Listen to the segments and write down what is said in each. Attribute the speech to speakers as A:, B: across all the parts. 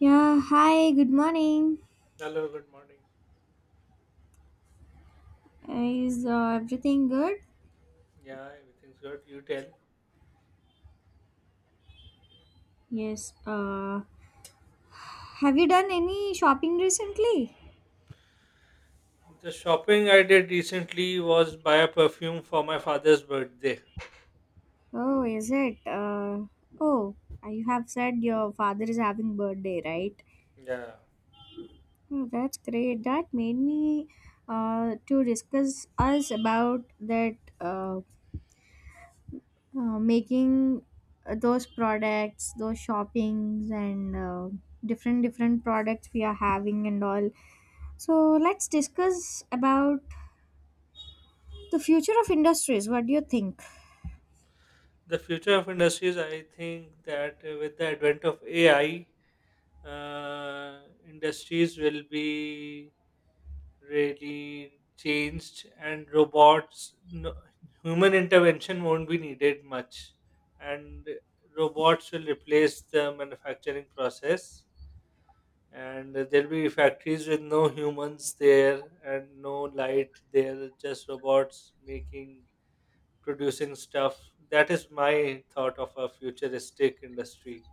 A: Yeah, hi, good morning.
B: Hello, good morning.
A: Is everything good?
B: Yeah, everything's good. You tell.
A: Yes, have you done any shopping recently?
B: The shopping I did recently was buy a perfume for my father's birthday.
A: Oh, is it? Oh, you have said your father is having birthday, right?
B: Yeah.
A: Oh, that's great. That made me to discuss us about that making those products, those shoppings, and different products we are having and all. So let's discuss about the future of industries. What do you think?
B: The future of industries, I think that with the advent of AI, uh, industries will be really changed and robots, no, human intervention won't be needed much. And robots will replace the manufacturing process and there'll be factories with no humans there and no light there, just robots making producing stuff. That is my thought of a futuristic industry.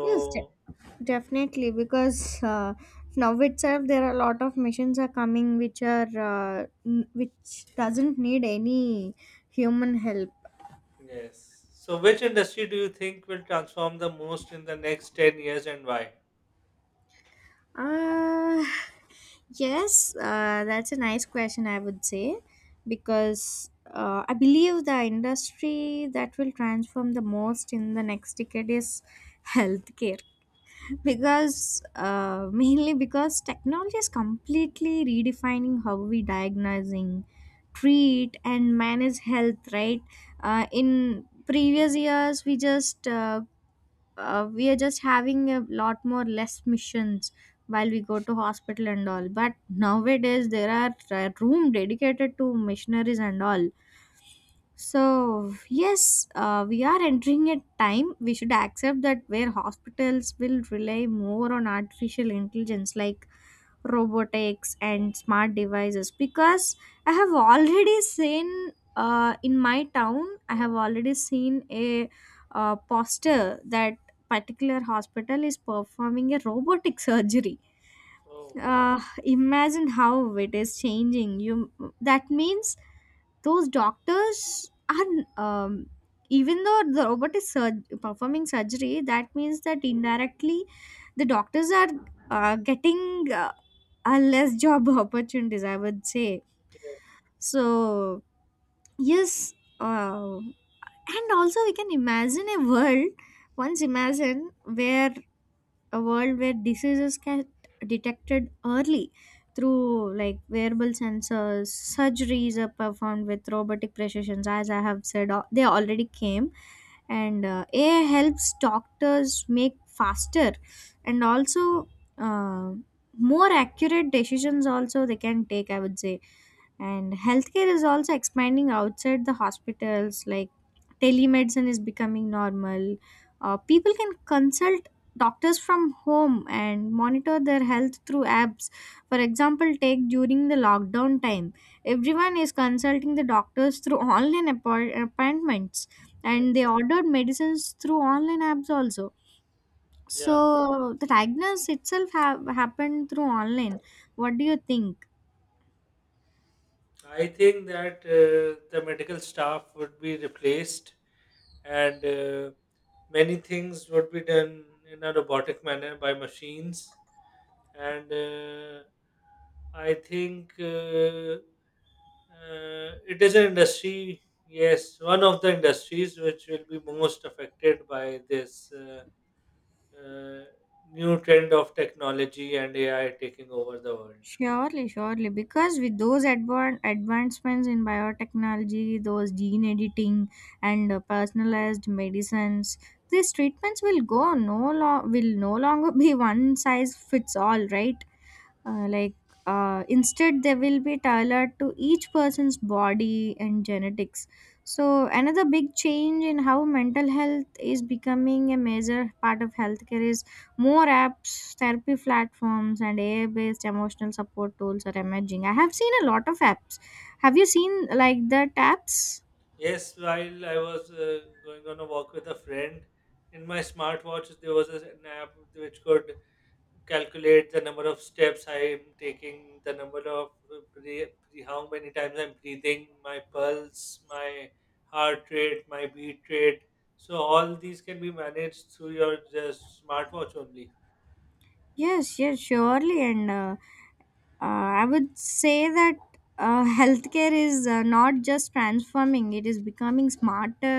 A: Yes, definitely. Because now itself, there are a lot of machines are coming which are which doesn't need any human help.
B: yes, so which industry do you think will transform the most in the next 10 years, and why?
A: Uh, yes, that's a nice question. I would say, because I believe the industry that will transform the most in the next decade is healthcare. Because mainly because technology is completely redefining how we diagnosing, treat, and manage health, right? In previous years, we are just having a lot more less missions while we go to hospital and all. But nowadays, there are room dedicated to missionaries and all. So, yes, we are entering a time we should accept, that where hospitals will rely more on artificial intelligence like robotics and smart devices, because I have already seen in my town, I have already seen a poster that particular hospital is performing a robotic surgery.
B: Oh,
A: Imagine how it is changing. You, that means those doctors are um, even though the robot is performing surgery, that means that indirectly the doctors are getting a less job opportunities, I would say.
B: yeah,
A: So yes, uh, and also we can imagine a world, once imagine where a world where diseases get detected early through like wearable sensors. Surgeries are performed with robotic precisions, as I have said, they already came. And AI helps doctors make faster and also uh, more accurate decisions also they can take, I would say. And healthcare is also expanding outside the hospitals, like telemedicine is becoming normal. People can consult doctors from home and monitor their health through apps. For example, take during the lockdown time, everyone is consulting the doctors through online appointments, and
B: yes,
A: they ordered medicines through online apps also.
B: yeah,
A: So the diagnosis itself have happened through online. What do you think?
B: I think that the medical staff would be replaced, and many things would be done in a robotic manner by machines. And I think it is an industry, yes, one of the industries which will be most affected by this uh, new trend of technology and AI taking over the world.
A: Surely, surely, because with those advancements in biotechnology, those gene editing and personalized medicines, these treatments will go will no longer be one size fits all, right? Like, instead they will be tailored to each person's body and genetics. So another big change in how mental health is becoming a major part of healthcare is, more apps, therapy platforms and AI based emotional support tools are emerging. I have seen a lot of apps. Have you seen like that apps?
B: Yes, while I was going on a walk with a friend, in my smartwatch there was an app which could calculate the number of steps I am taking, the number of breath, how many times I'm breathing, my pulse, my heart rate, my beat rate. So all these can be managed through your just smartwatch only.
A: Yes, yes, surely. And I would say that healthcare is not just transforming, it is becoming smarter,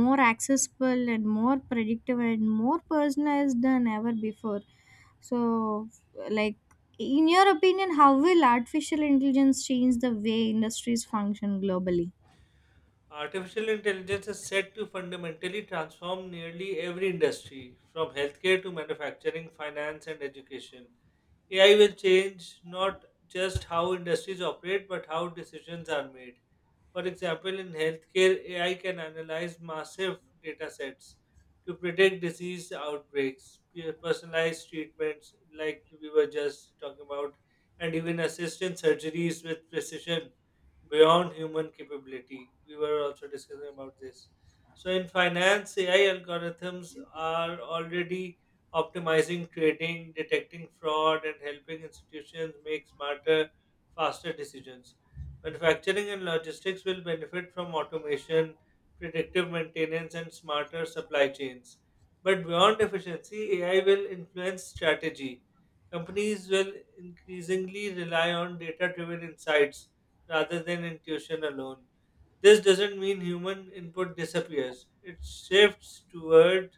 A: more accessible, and more predictive and more personalized than ever before. So, like, in your opinion, how will artificial intelligence change the way industries function globally?
B: Artificial intelligence is said to fundamentally transform nearly every industry, from healthcare to manufacturing, finance, and education. AI will change not just how industries operate, but how decisions are made. For example, in healthcare, AI can analyze massive data sets to predict disease outbreaks, personalized treatments, like we were just talking about, and even assist in surgeries with precision beyond human capability. We were also discussing about this. So, in finance, AI algorithms are already optimizing trading, detecting fraud, and helping institutions make smarter, faster decisions. Manufacturing and logistics will benefit from automation, predictive maintenance, and smarter supply chains. But beyond efficiency, AI will influence strategy. Companies will increasingly rely on data driven insights rather than intuition alone. This doesn't mean human input disappears, it shifts toward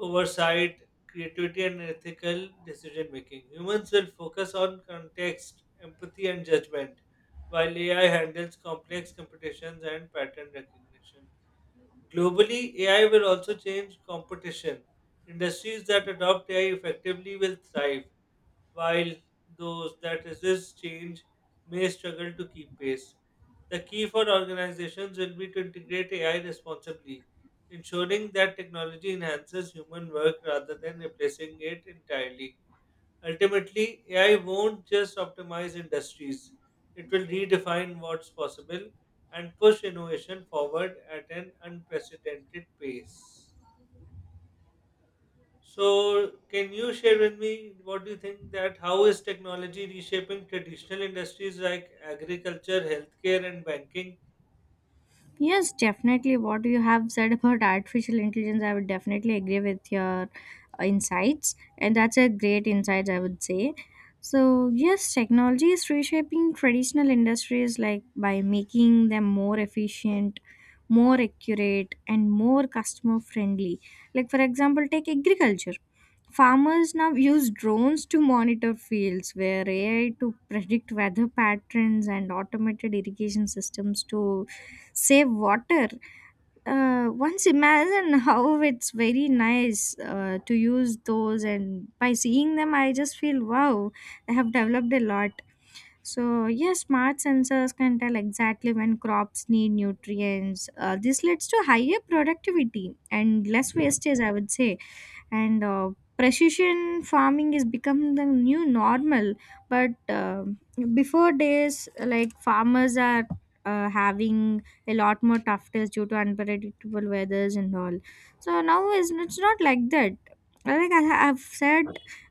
B: oversight, creativity, and ethical decision making. Humans will focus on context, empathy, and judgment, while AI handles complex computations and pattern recognition. Globally, AI will also change competition. Industries that adopt AI effectively will thrive, while those that resist change may struggle to keep pace. The key for organizations will be to integrate AI responsibly, ensuring that technology enhances human work rather than replacing it entirely. Ultimately, AI won't just optimize industries, it will redefine what's possible and push innovation forward at an unprecedented pace. So, can you share with me what do you think, that how is technology reshaping traditional industries like agriculture, healthcare, and banking?
A: Yes, definitely. What you have said about artificial intelligence, I would definitely agree with your insights, and that's a great insight, I would say. So, yes, technology is reshaping traditional industries like by making them more efficient, more accurate, and more customer friendly. Like, for example, take agriculture. Farmers now use drones to monitor fields, where AI to predict weather patterns and automated irrigation systems to save water. Once imagine how it's very nice to use those, and by seeing them, I just feel wow, they have developed a lot. So, yes, smart sensors can tell exactly when crops need nutrients. This leads to higher productivity and less wastage, I would say. And precision farming is become the new normal. But before days, like farmers are having a lot more toughness due to unpredictable weathers and all. So now is, it's not like that. Like I have said,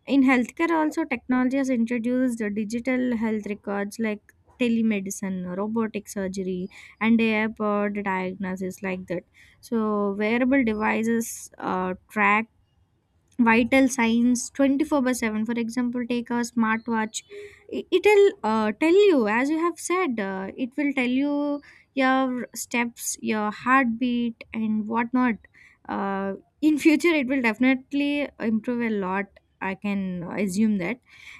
A: in healthcare also, technology has introduced the digital health records like telemedicine, robotic surgery and AI powered diagnosis, like that. So wearable devices track vital signs 24/7. For example, take a smartwatch. It'll tell you, as you have said, it will tell you your steps, your heartbeat and whatnot. uh, in future it will definitely improve a lot. I can assume that.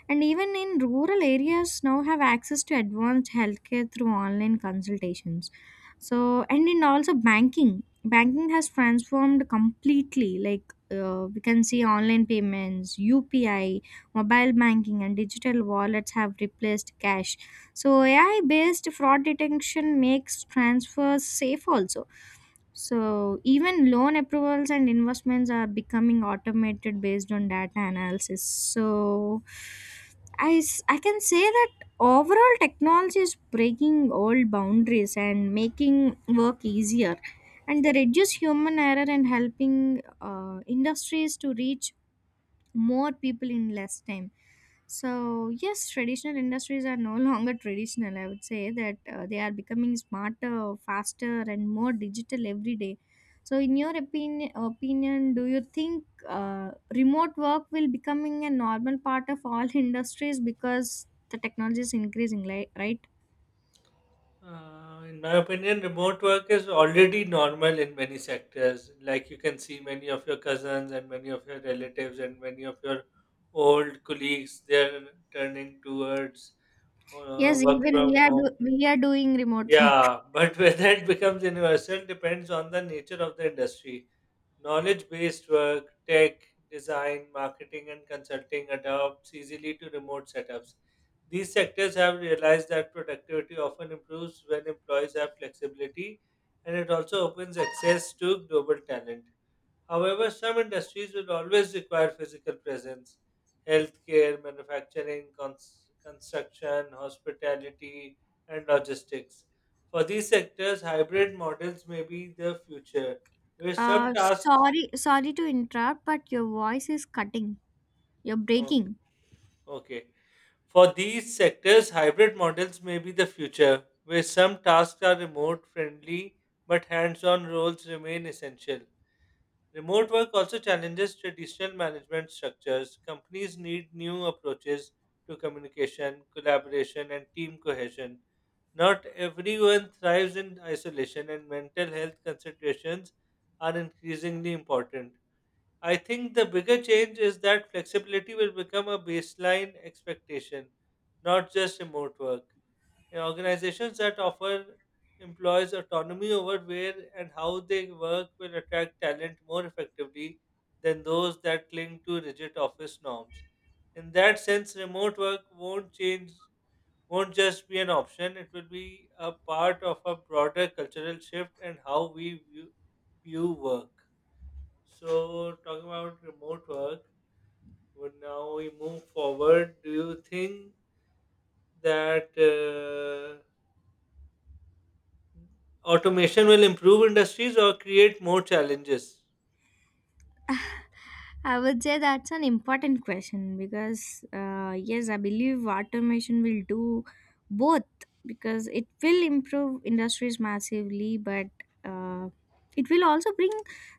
A: And even in rural areas now have access to advanced healthcare through online consultations. So, and in also banking has transformed completely, like we can see online payments, UPI, mobile banking, and digital wallets have replaced cash. So, AI based fraud detection makes transfers safe also. So, even loan approvals and investments are becoming automated based on data analysis. So, I can say that overall technology is breaking old boundaries and making work easier, and they reduce human error and helping industries to reach more people in less time. So yes, traditional industries are no longer traditional, I would say that they are becoming smarter, faster and more digital every day. So, in your opinion, do you think remote work will becoming a normal part of all industries, because the technology is increasing, like, right?
B: In my opinion, remote work is already normal in many sectors. Like, you can see many of your cousins and many of your relatives and many of your old colleagues, they're turning towards
A: Yes,
B: work
A: even we
B: from
A: are
B: home.
A: we are doing remote work.
B: Yeah, but whether it becomes universal depends on the nature of the industry. Knowledge based work, tech, design, marketing, and consulting adopts easily to remote setups. These sectors have realized that productivity often improves when employees have flexibility, and it also opens access to global talent. However, some industries will always require physical presence. Healthcare, manufacturing, construction, hospitality, and logistics. For these sectors, hybrid models may be the future, where some
A: uh
B: tasks
A: Sorry, sorry to interrupt, but your voice is cutting. You're
B: O-
A: breaking.
B: okay. For these sectors, hybrid models may be the future, where some tasks are remote friendly but hands on roles remain essential. Remote work also challenges traditional management structures. Companies need new approaches to communication, collaboration, and team cohesion. Not everyone thrives in isolation, and mental health considerations are increasingly important. I think the bigger change is that flexibility will become a baseline expectation, not just remote work. And organizations that offer employees autonomy over where and how they work will attract talent more effectively than those that cling to rigid office norms. In that sense, remote work won't just be an option, it will be a part of a broader cultural shift and how we view work. So, talking about remote work, when now we move forward, do you think that automation will improve industries or create more challenges?
A: I would say that's an important question because, yes, I believe automation will do both, because it will improve industries massively, but uh, it will also bring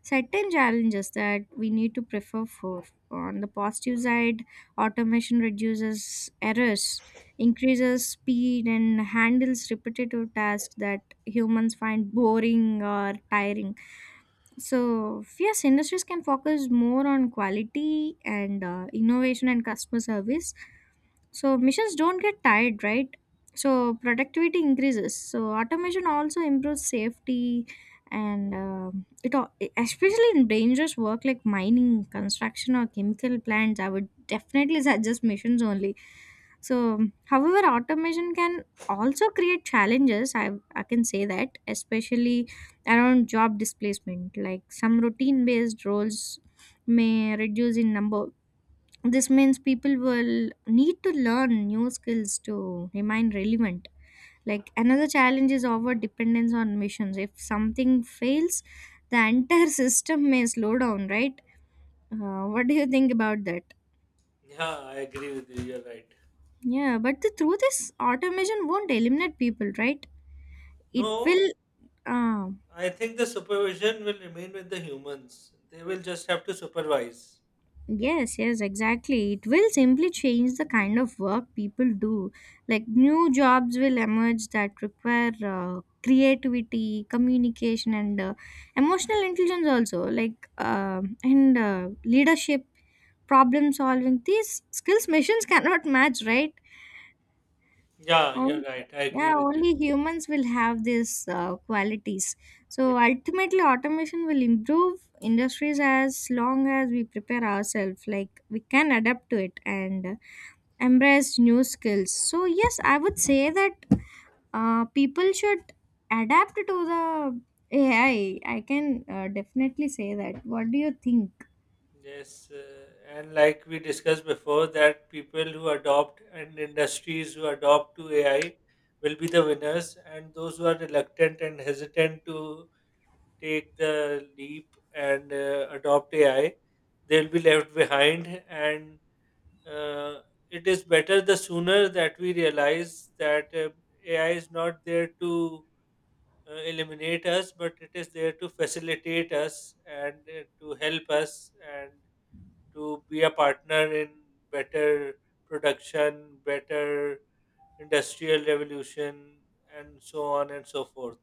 A: certain challenges that we need to prefer for. On the positive side, automation reduces errors, increases speed, and handles repetitive tasks that humans find boring or tiring. So, yes, industries can focus more on quality and innovation and customer service, so missions don't get tired, right? So productivity increases. So automation also improves safety, especially in dangerous work like mining, construction, or chemical plants. I would definitely suggest missions only. So, however, automation can also create challenges. I can say that, especially around job displacement. Like some routine-based roles may reduce in number. This means people will need to learn new skills to remain relevant. Like, another challenge is our dependence on missions. If something fails, the entire system may slow down, right? What do you think about that?
B: Yeah, I agree with you. You're right.
A: Yeah, but the truth is, automation won't eliminate people, right? It
B: No,
A: will. Uh,
B: I think the supervision will remain with the humans. They will just have to supervise.
A: Yes, yes, exactly. It will simply change the kind of work people do. Like new jobs will emerge that require creativity, communication, and emotional intelligence also. Like and leadership, problem solving. These skills machines cannot match, right?
B: Yeah, you're
A: On-
B: right. I
A: yeah,
B: agree with you.
A: only humans will have these qualities. So ultimately, automation will improve industries as long as we prepare ourselves. Like we can adapt to it and embrace new skills. So yes, I would say that people should adapt to the AI. I can definitely say that. What do you think?
B: Yes, and like we discussed before, that people who adopt and industries who adopt to AI will be the winners, and those who are reluctant and hesitant to take the leap and adopt AI, they'll be left behind. And uh, it is better the sooner that we realize that AI is not there to eliminate us, but it is there to facilitate us and to help us and to be a partner in better production, better industrial revolution, and so on and so forth.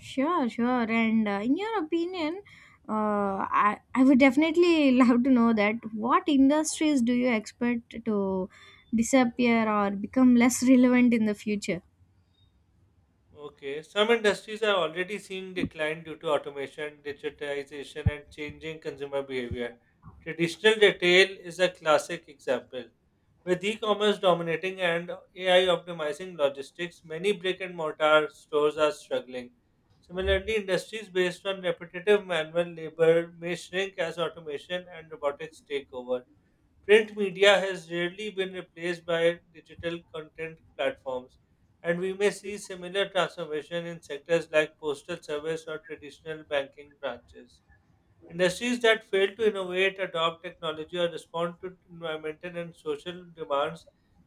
A: Sure, sure. And in your opinion, uh, I would definitely love to know that, what industries do you expect to disappear or become less relevant in the future?
B: Okay. Some industries are already seeing decline due to automation, digitization, and changing consumer behavior. Traditional retail is a classic example. With e commerce dominating and AI optimizing logistics, many brick and mortar stores are struggling. Similarly, industries based on repetitive manual labor may shrink as automation and robotics take over. Print media has rarely been replaced by digital content platforms, and we may see similar transformation in sectors like postal service or traditional banking branches. Industries that fail to innovate, adopt technology, or respond to environmental and social demands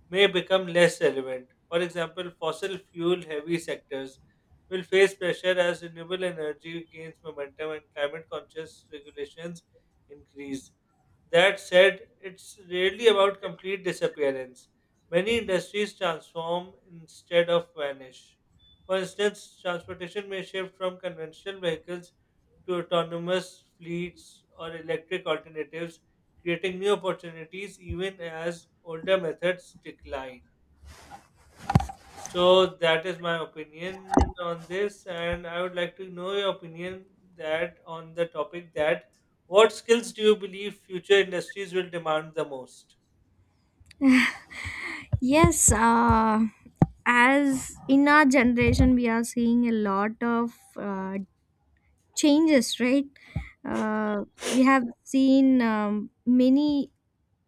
B: may become less relevant. For example, fossil fuel heavy sectors will face pressure as renewable energy gains momentum and climate conscious regulations increase. That said, it's rarely about complete disappearance. Many industries transform instead of vanish. For instance, transportation may shift from conventional vehicles to autonomous fleets or electric alternatives, creating new opportunities even as older methods decline. So that is my opinion on this, and I would like to know your opinion, that on the topic that what skills do you believe future industries will demand the most?
A: Yes, as in our generation we are seeing a lot of changes, right? uh, we have seen many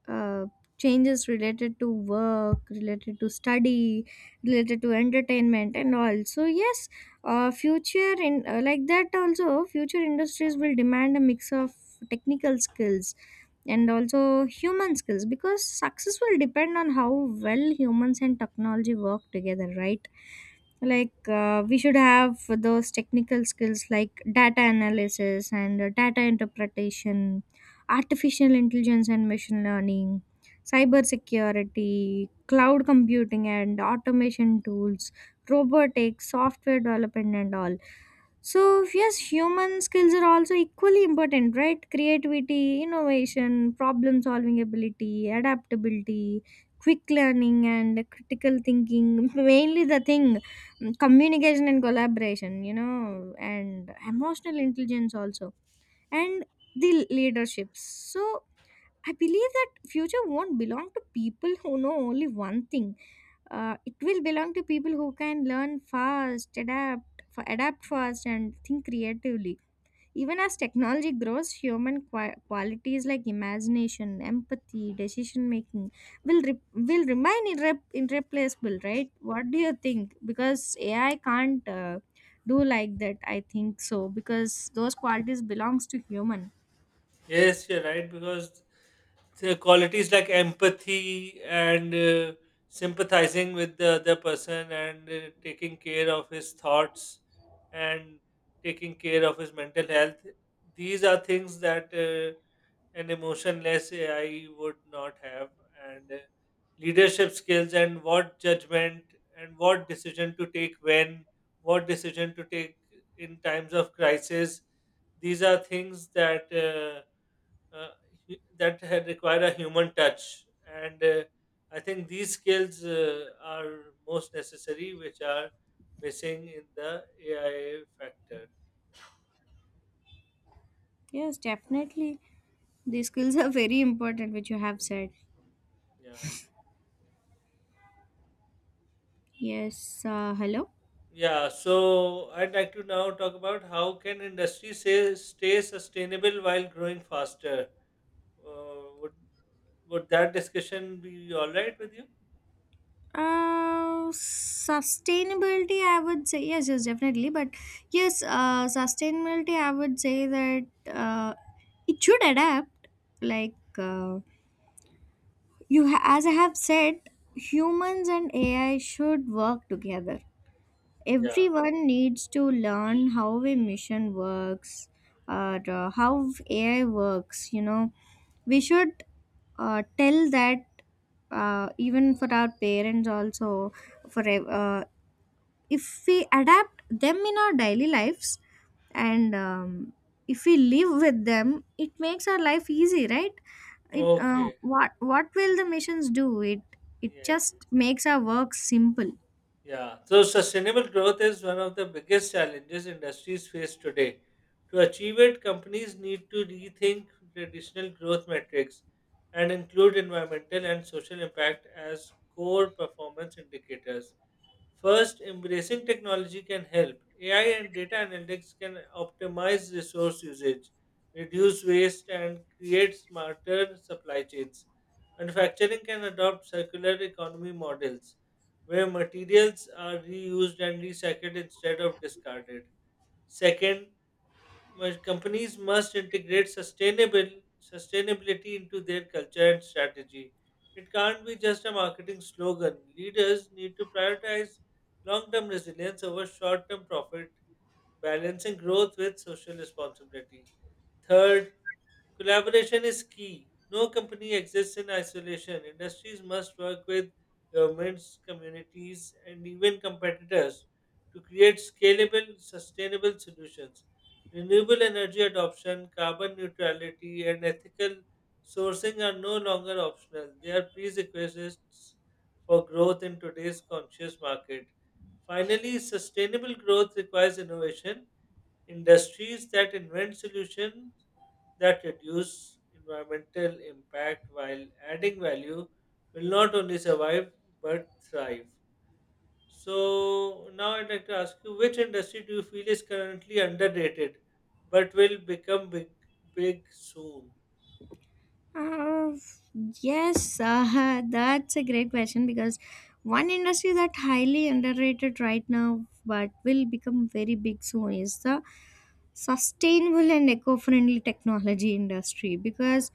A: uh, changes related to work, related to study, related to entertainment and all. So yes, future in like that also, future industries will demand a mix of technical skills and also human skills, because success will depend on how well humans and technology work together, right? Like, we should have those technical skills like data analysis and data interpretation, artificial intelligence and machine learning, cyber security, cloud computing and automation tools, robotics, software development, and all. So, yes, human skills are also equally important, right? Creativity, innovation, problem solving ability, adaptability, quick learning, and critical thinking. Mainly the thing, communication and collaboration, and emotional intelligence also and the leaderships. So I believe that future won't belong to people who know only one thing. It will belong to people who can learn fast, adapt, adapt fast, and think creatively. Even as technology grows, human qualities like imagination, empathy, decision making will re- will remain irreplaceable, right? What do you think? Because AI can't do like that. I think so because those qualities belongs to human.
B: Yes, you're right, because so qualities like empathy and sympathizing with the other person and taking care of his thoughts and taking care of his mental health, these are things that an emotionless AI would not have. And leadership skills, and what judgment and what decision to take when, what decision to take in times of crisis, these are things that uh, that had require a human touch. And I think these skills are most necessary, which are missing in the AI factor.
A: Yes, definitely. The skills are very important, which you have said.
B: Yeah.
A: Yes, hello.
B: Yeah, so I'd like to now talk about how can industry say, stay sustainable while growing faster. Would that discussion be all right with you?
A: Sustainability, I would say, yes, yes, definitely. But yes, sustainability, I would say that it should adapt. Like, as I have said, humans and AI should work together.
B: Yeah.
A: Everyone needs to learn how a mission works or how AI works, we should tell that, even for our parents also. for ev- uh, if we adapt them in our daily lives, and if we live with them, it makes our life easy, right? It
B: Okay.
A: what will the machines do it, it
B: Yes.
A: just makes our work simple.
B: Yeah, so sustainable growth is one of the biggest challenges industries face today. To achieve it, companies need to rethink traditional growth metrics and include environmental and social impact as core performance indicators. First, embracing technology can help. AI and data analytics can optimize resource usage, reduce waste, and create smarter supply chains. Manufacturing can adopt circular economy models where materials are reused and recycled instead of discarded. Second, well, companies must integrate sustainable sustainability into their culture and strategy. It can't be just a marketing slogan. Leaders need to prioritize long-term resilience over short-term profit, balancing growth with social responsibility. Third, collaboration is key. No company exists in isolation. Industries must work with governments, communities, and even competitors to create scalable, sustainable solutions. Renewable energy adoption, carbon neutrality, and ethical sourcing are no longer optional. They are prerequisites for growth in today's conscious market. Finally, sustainable growth requires innovation. Industries that invent solutions that reduce environmental impact while adding value will not only survive but thrive. So, now I'd like to ask you, which industry do you feel is currently underrated but will become big soon?
A: Uh, yes, that's a great question because one industry that highly underrated right now but will become very big soon is the sustainable and eco-friendly technology industry, because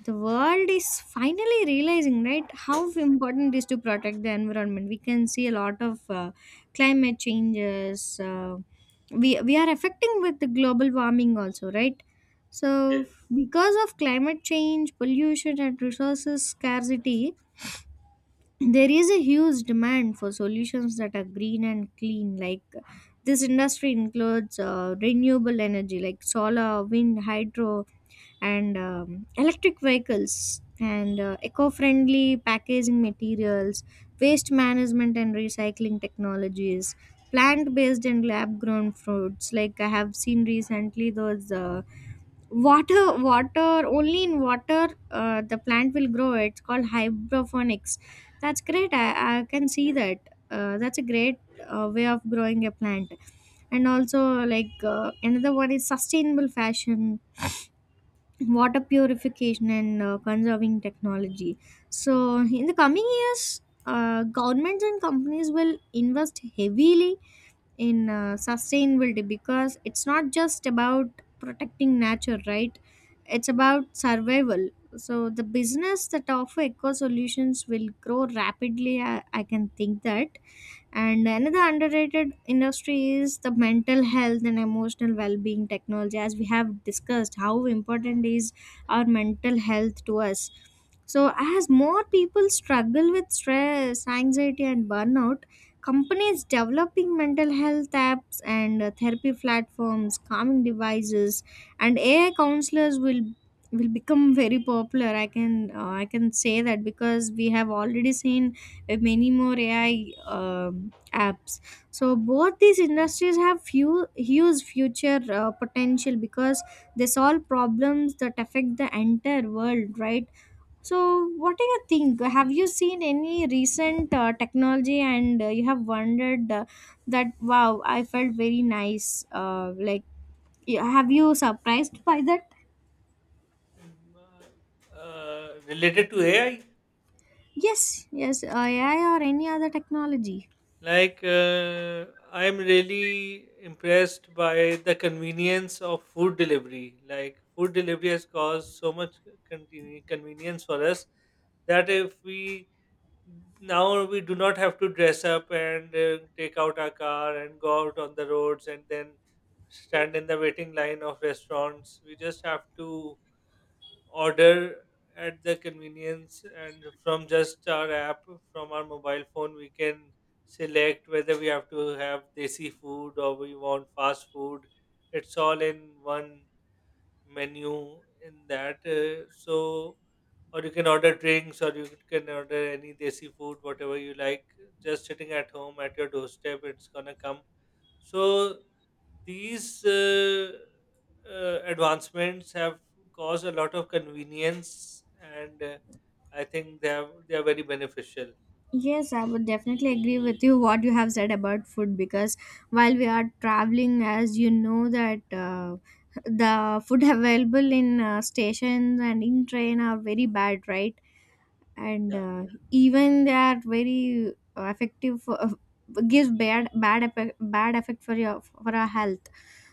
A: the world is finally realizing, right, how important it is to protect the environment. We can see a lot of climate changes. We are affecting with the global warming also, right? So
B: Yes.
A: because of climate change, pollution and resources scarcity, there is a huge demand for solutions that are green and clean. Like, this industry includes renewable energy like solar, wind, hydro, and electric vehicles, and eco-friendly packaging materials, waste management and recycling technologies, plant-based and lab-grown fruits. Like, I have seen recently those, water only in water, the plant will grow. It's called hydroponics. That's great. I can see that that's a great way of growing a plant. And also, like, another one is sustainable fashion, water purification and conserving technology. So, in the coming years, governments and companies will invest heavily in sustainability, because it's not just about protecting nature, right? It's about survival. So, the business that offer eco solutions will grow rapidly. I can think that. And another underrated industry is the mental health and emotional well-being technology. As we have discussed, how important is our mental health to us. So, as more people struggle with stress, anxiety, and burnout, companies developing mental health apps and therapy platforms, calming devices, and AI counselors will become very popular. I can say that, because we have already seen many more AI apps. So both these industries have few huge future potential, because they solve problems that affect the entire world, right? So what do you think? Have you seen any recent technology and you have wondered that wow, I felt very nice. Like, have you surprised by that?
B: Mm. Related to AI?
A: Yes, yes, AI or any other technology.
B: Like, I'm really impressed by the convenience of food delivery. Like, food delivery has caused so much convenience for us, that if we now we do not have to dress up and take out our car and go out on the roads and then stand in the waiting line of restaurants. We just have to order at the convenience, and from just our app, from our mobile phone, we can select whether we have to have desi food or we want fast food. It's all in one menu in that. So, or you can order drinks, or you can order any desi food, whatever you like. Just sitting at home at your doorstep, it's gonna come. So, these advancements have caused a lot of convenience, and I think they are very beneficial.
A: Yes, I would definitely agree with you what you have said about food, because while we are traveling, as you know that, the food available in stations and in train are very bad, right? And
B: Yeah.
A: even they are very effective for, gives bad effect, bad effect for your for our health.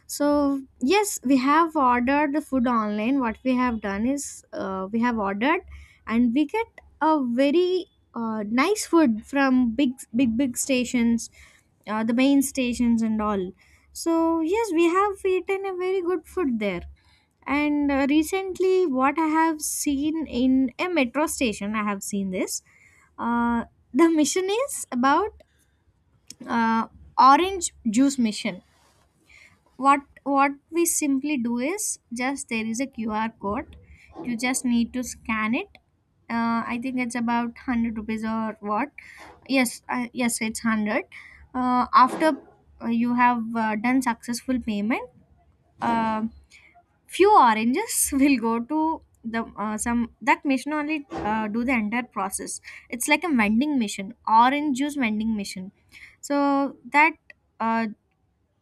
A: So yes, we have ordered the food online. What we have done is, we have ordered, and we get a very nice food from big, big, big stations, the main stations and all. So yes, we have eaten a very good food there. And recently, what I have seen in a metro station, I have seen this. Uh, the mission is about uh, orange juice mission. What we simply do is, just there is a QR code, you just need to scan it. I think it's about 100 rupees or what. Yes, yes, it's 100. After you have done successful payment, uh, few oranges will go to the, some that machine only do the entire process. It's like a vending machine, orange juice vending machine. So that, uh,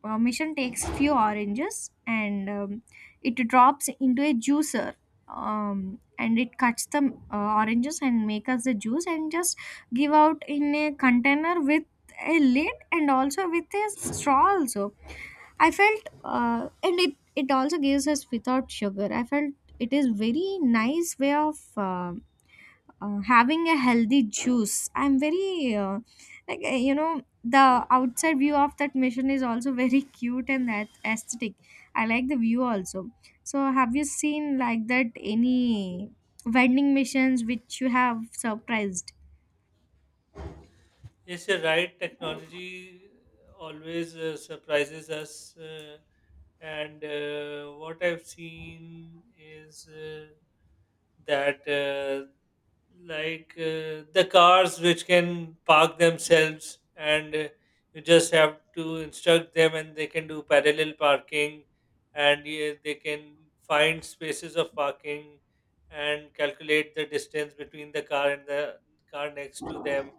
A: mission takes few oranges, and it drops into a juicer, and it cuts the oranges and make us the juice and just give out in a container with a lid and also with a straw also. I felt, and it also gives us without sugar. I felt it is very nice way of um having a healthy juice. I'm very like, you know, the outside view of that mission is also very cute and that aesthetic. I like the view also. So have you seen like that any vending missions which you have surprised?
B: Yes, you're right. Technology always surprises us. And what I've seen is that the cars which can park themselves, and you just have to instruct them, and they can do parallel parking, and they can find spaces of parking and calculate the distance between the car and the car next to them.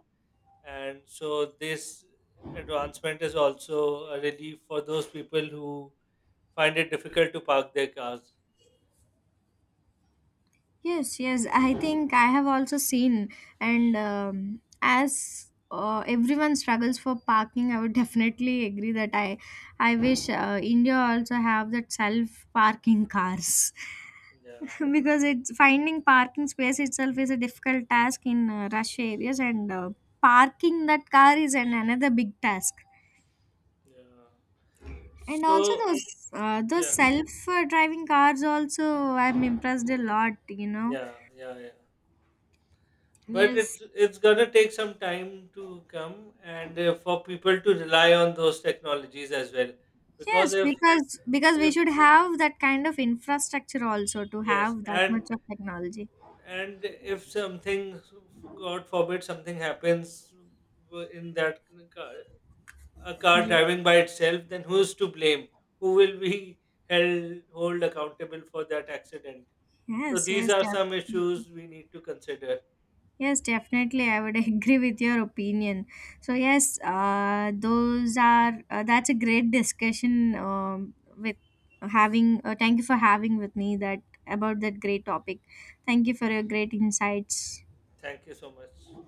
B: And so this advancement is also a relief for those people who find it difficult to park their cars.
A: Yes, yes, I think I have also seen. And as everyone struggles for parking, I would definitely agree that I wish India also have that self parking cars.
B: Yeah,
A: Because it's finding parking space itself is a difficult task in rush areas, and parking that car is another big task.
B: yeah.
A: And also
B: So
A: those
B: yeah,
A: self driving cars also, I'm impressed a lot, you know.
B: yeah, yeah. Yeah, but
A: Yes.
B: it's gonna take some time to come, and for people to rely on those technologies as well, because
A: Yes, because, we
B: if
A: should have that kind of infrastructure also to
B: yes.
A: have that
B: and
A: much of technology.
B: and if something, god forbid, something happens in that car a car
A: Yes.
B: driving by itself, then who's to blame? Who will be held hold accountable for that accident? So
A: Yes,
B: these
A: yes,
B: are some
A: definitely.
B: issues we need to consider.
A: Yes, definitely. I would agree with your opinion. So yes, those are that's a great discussion with having. Thank you for having with me that about that great topic. Thank you for your great insights.
B: Thank you so much.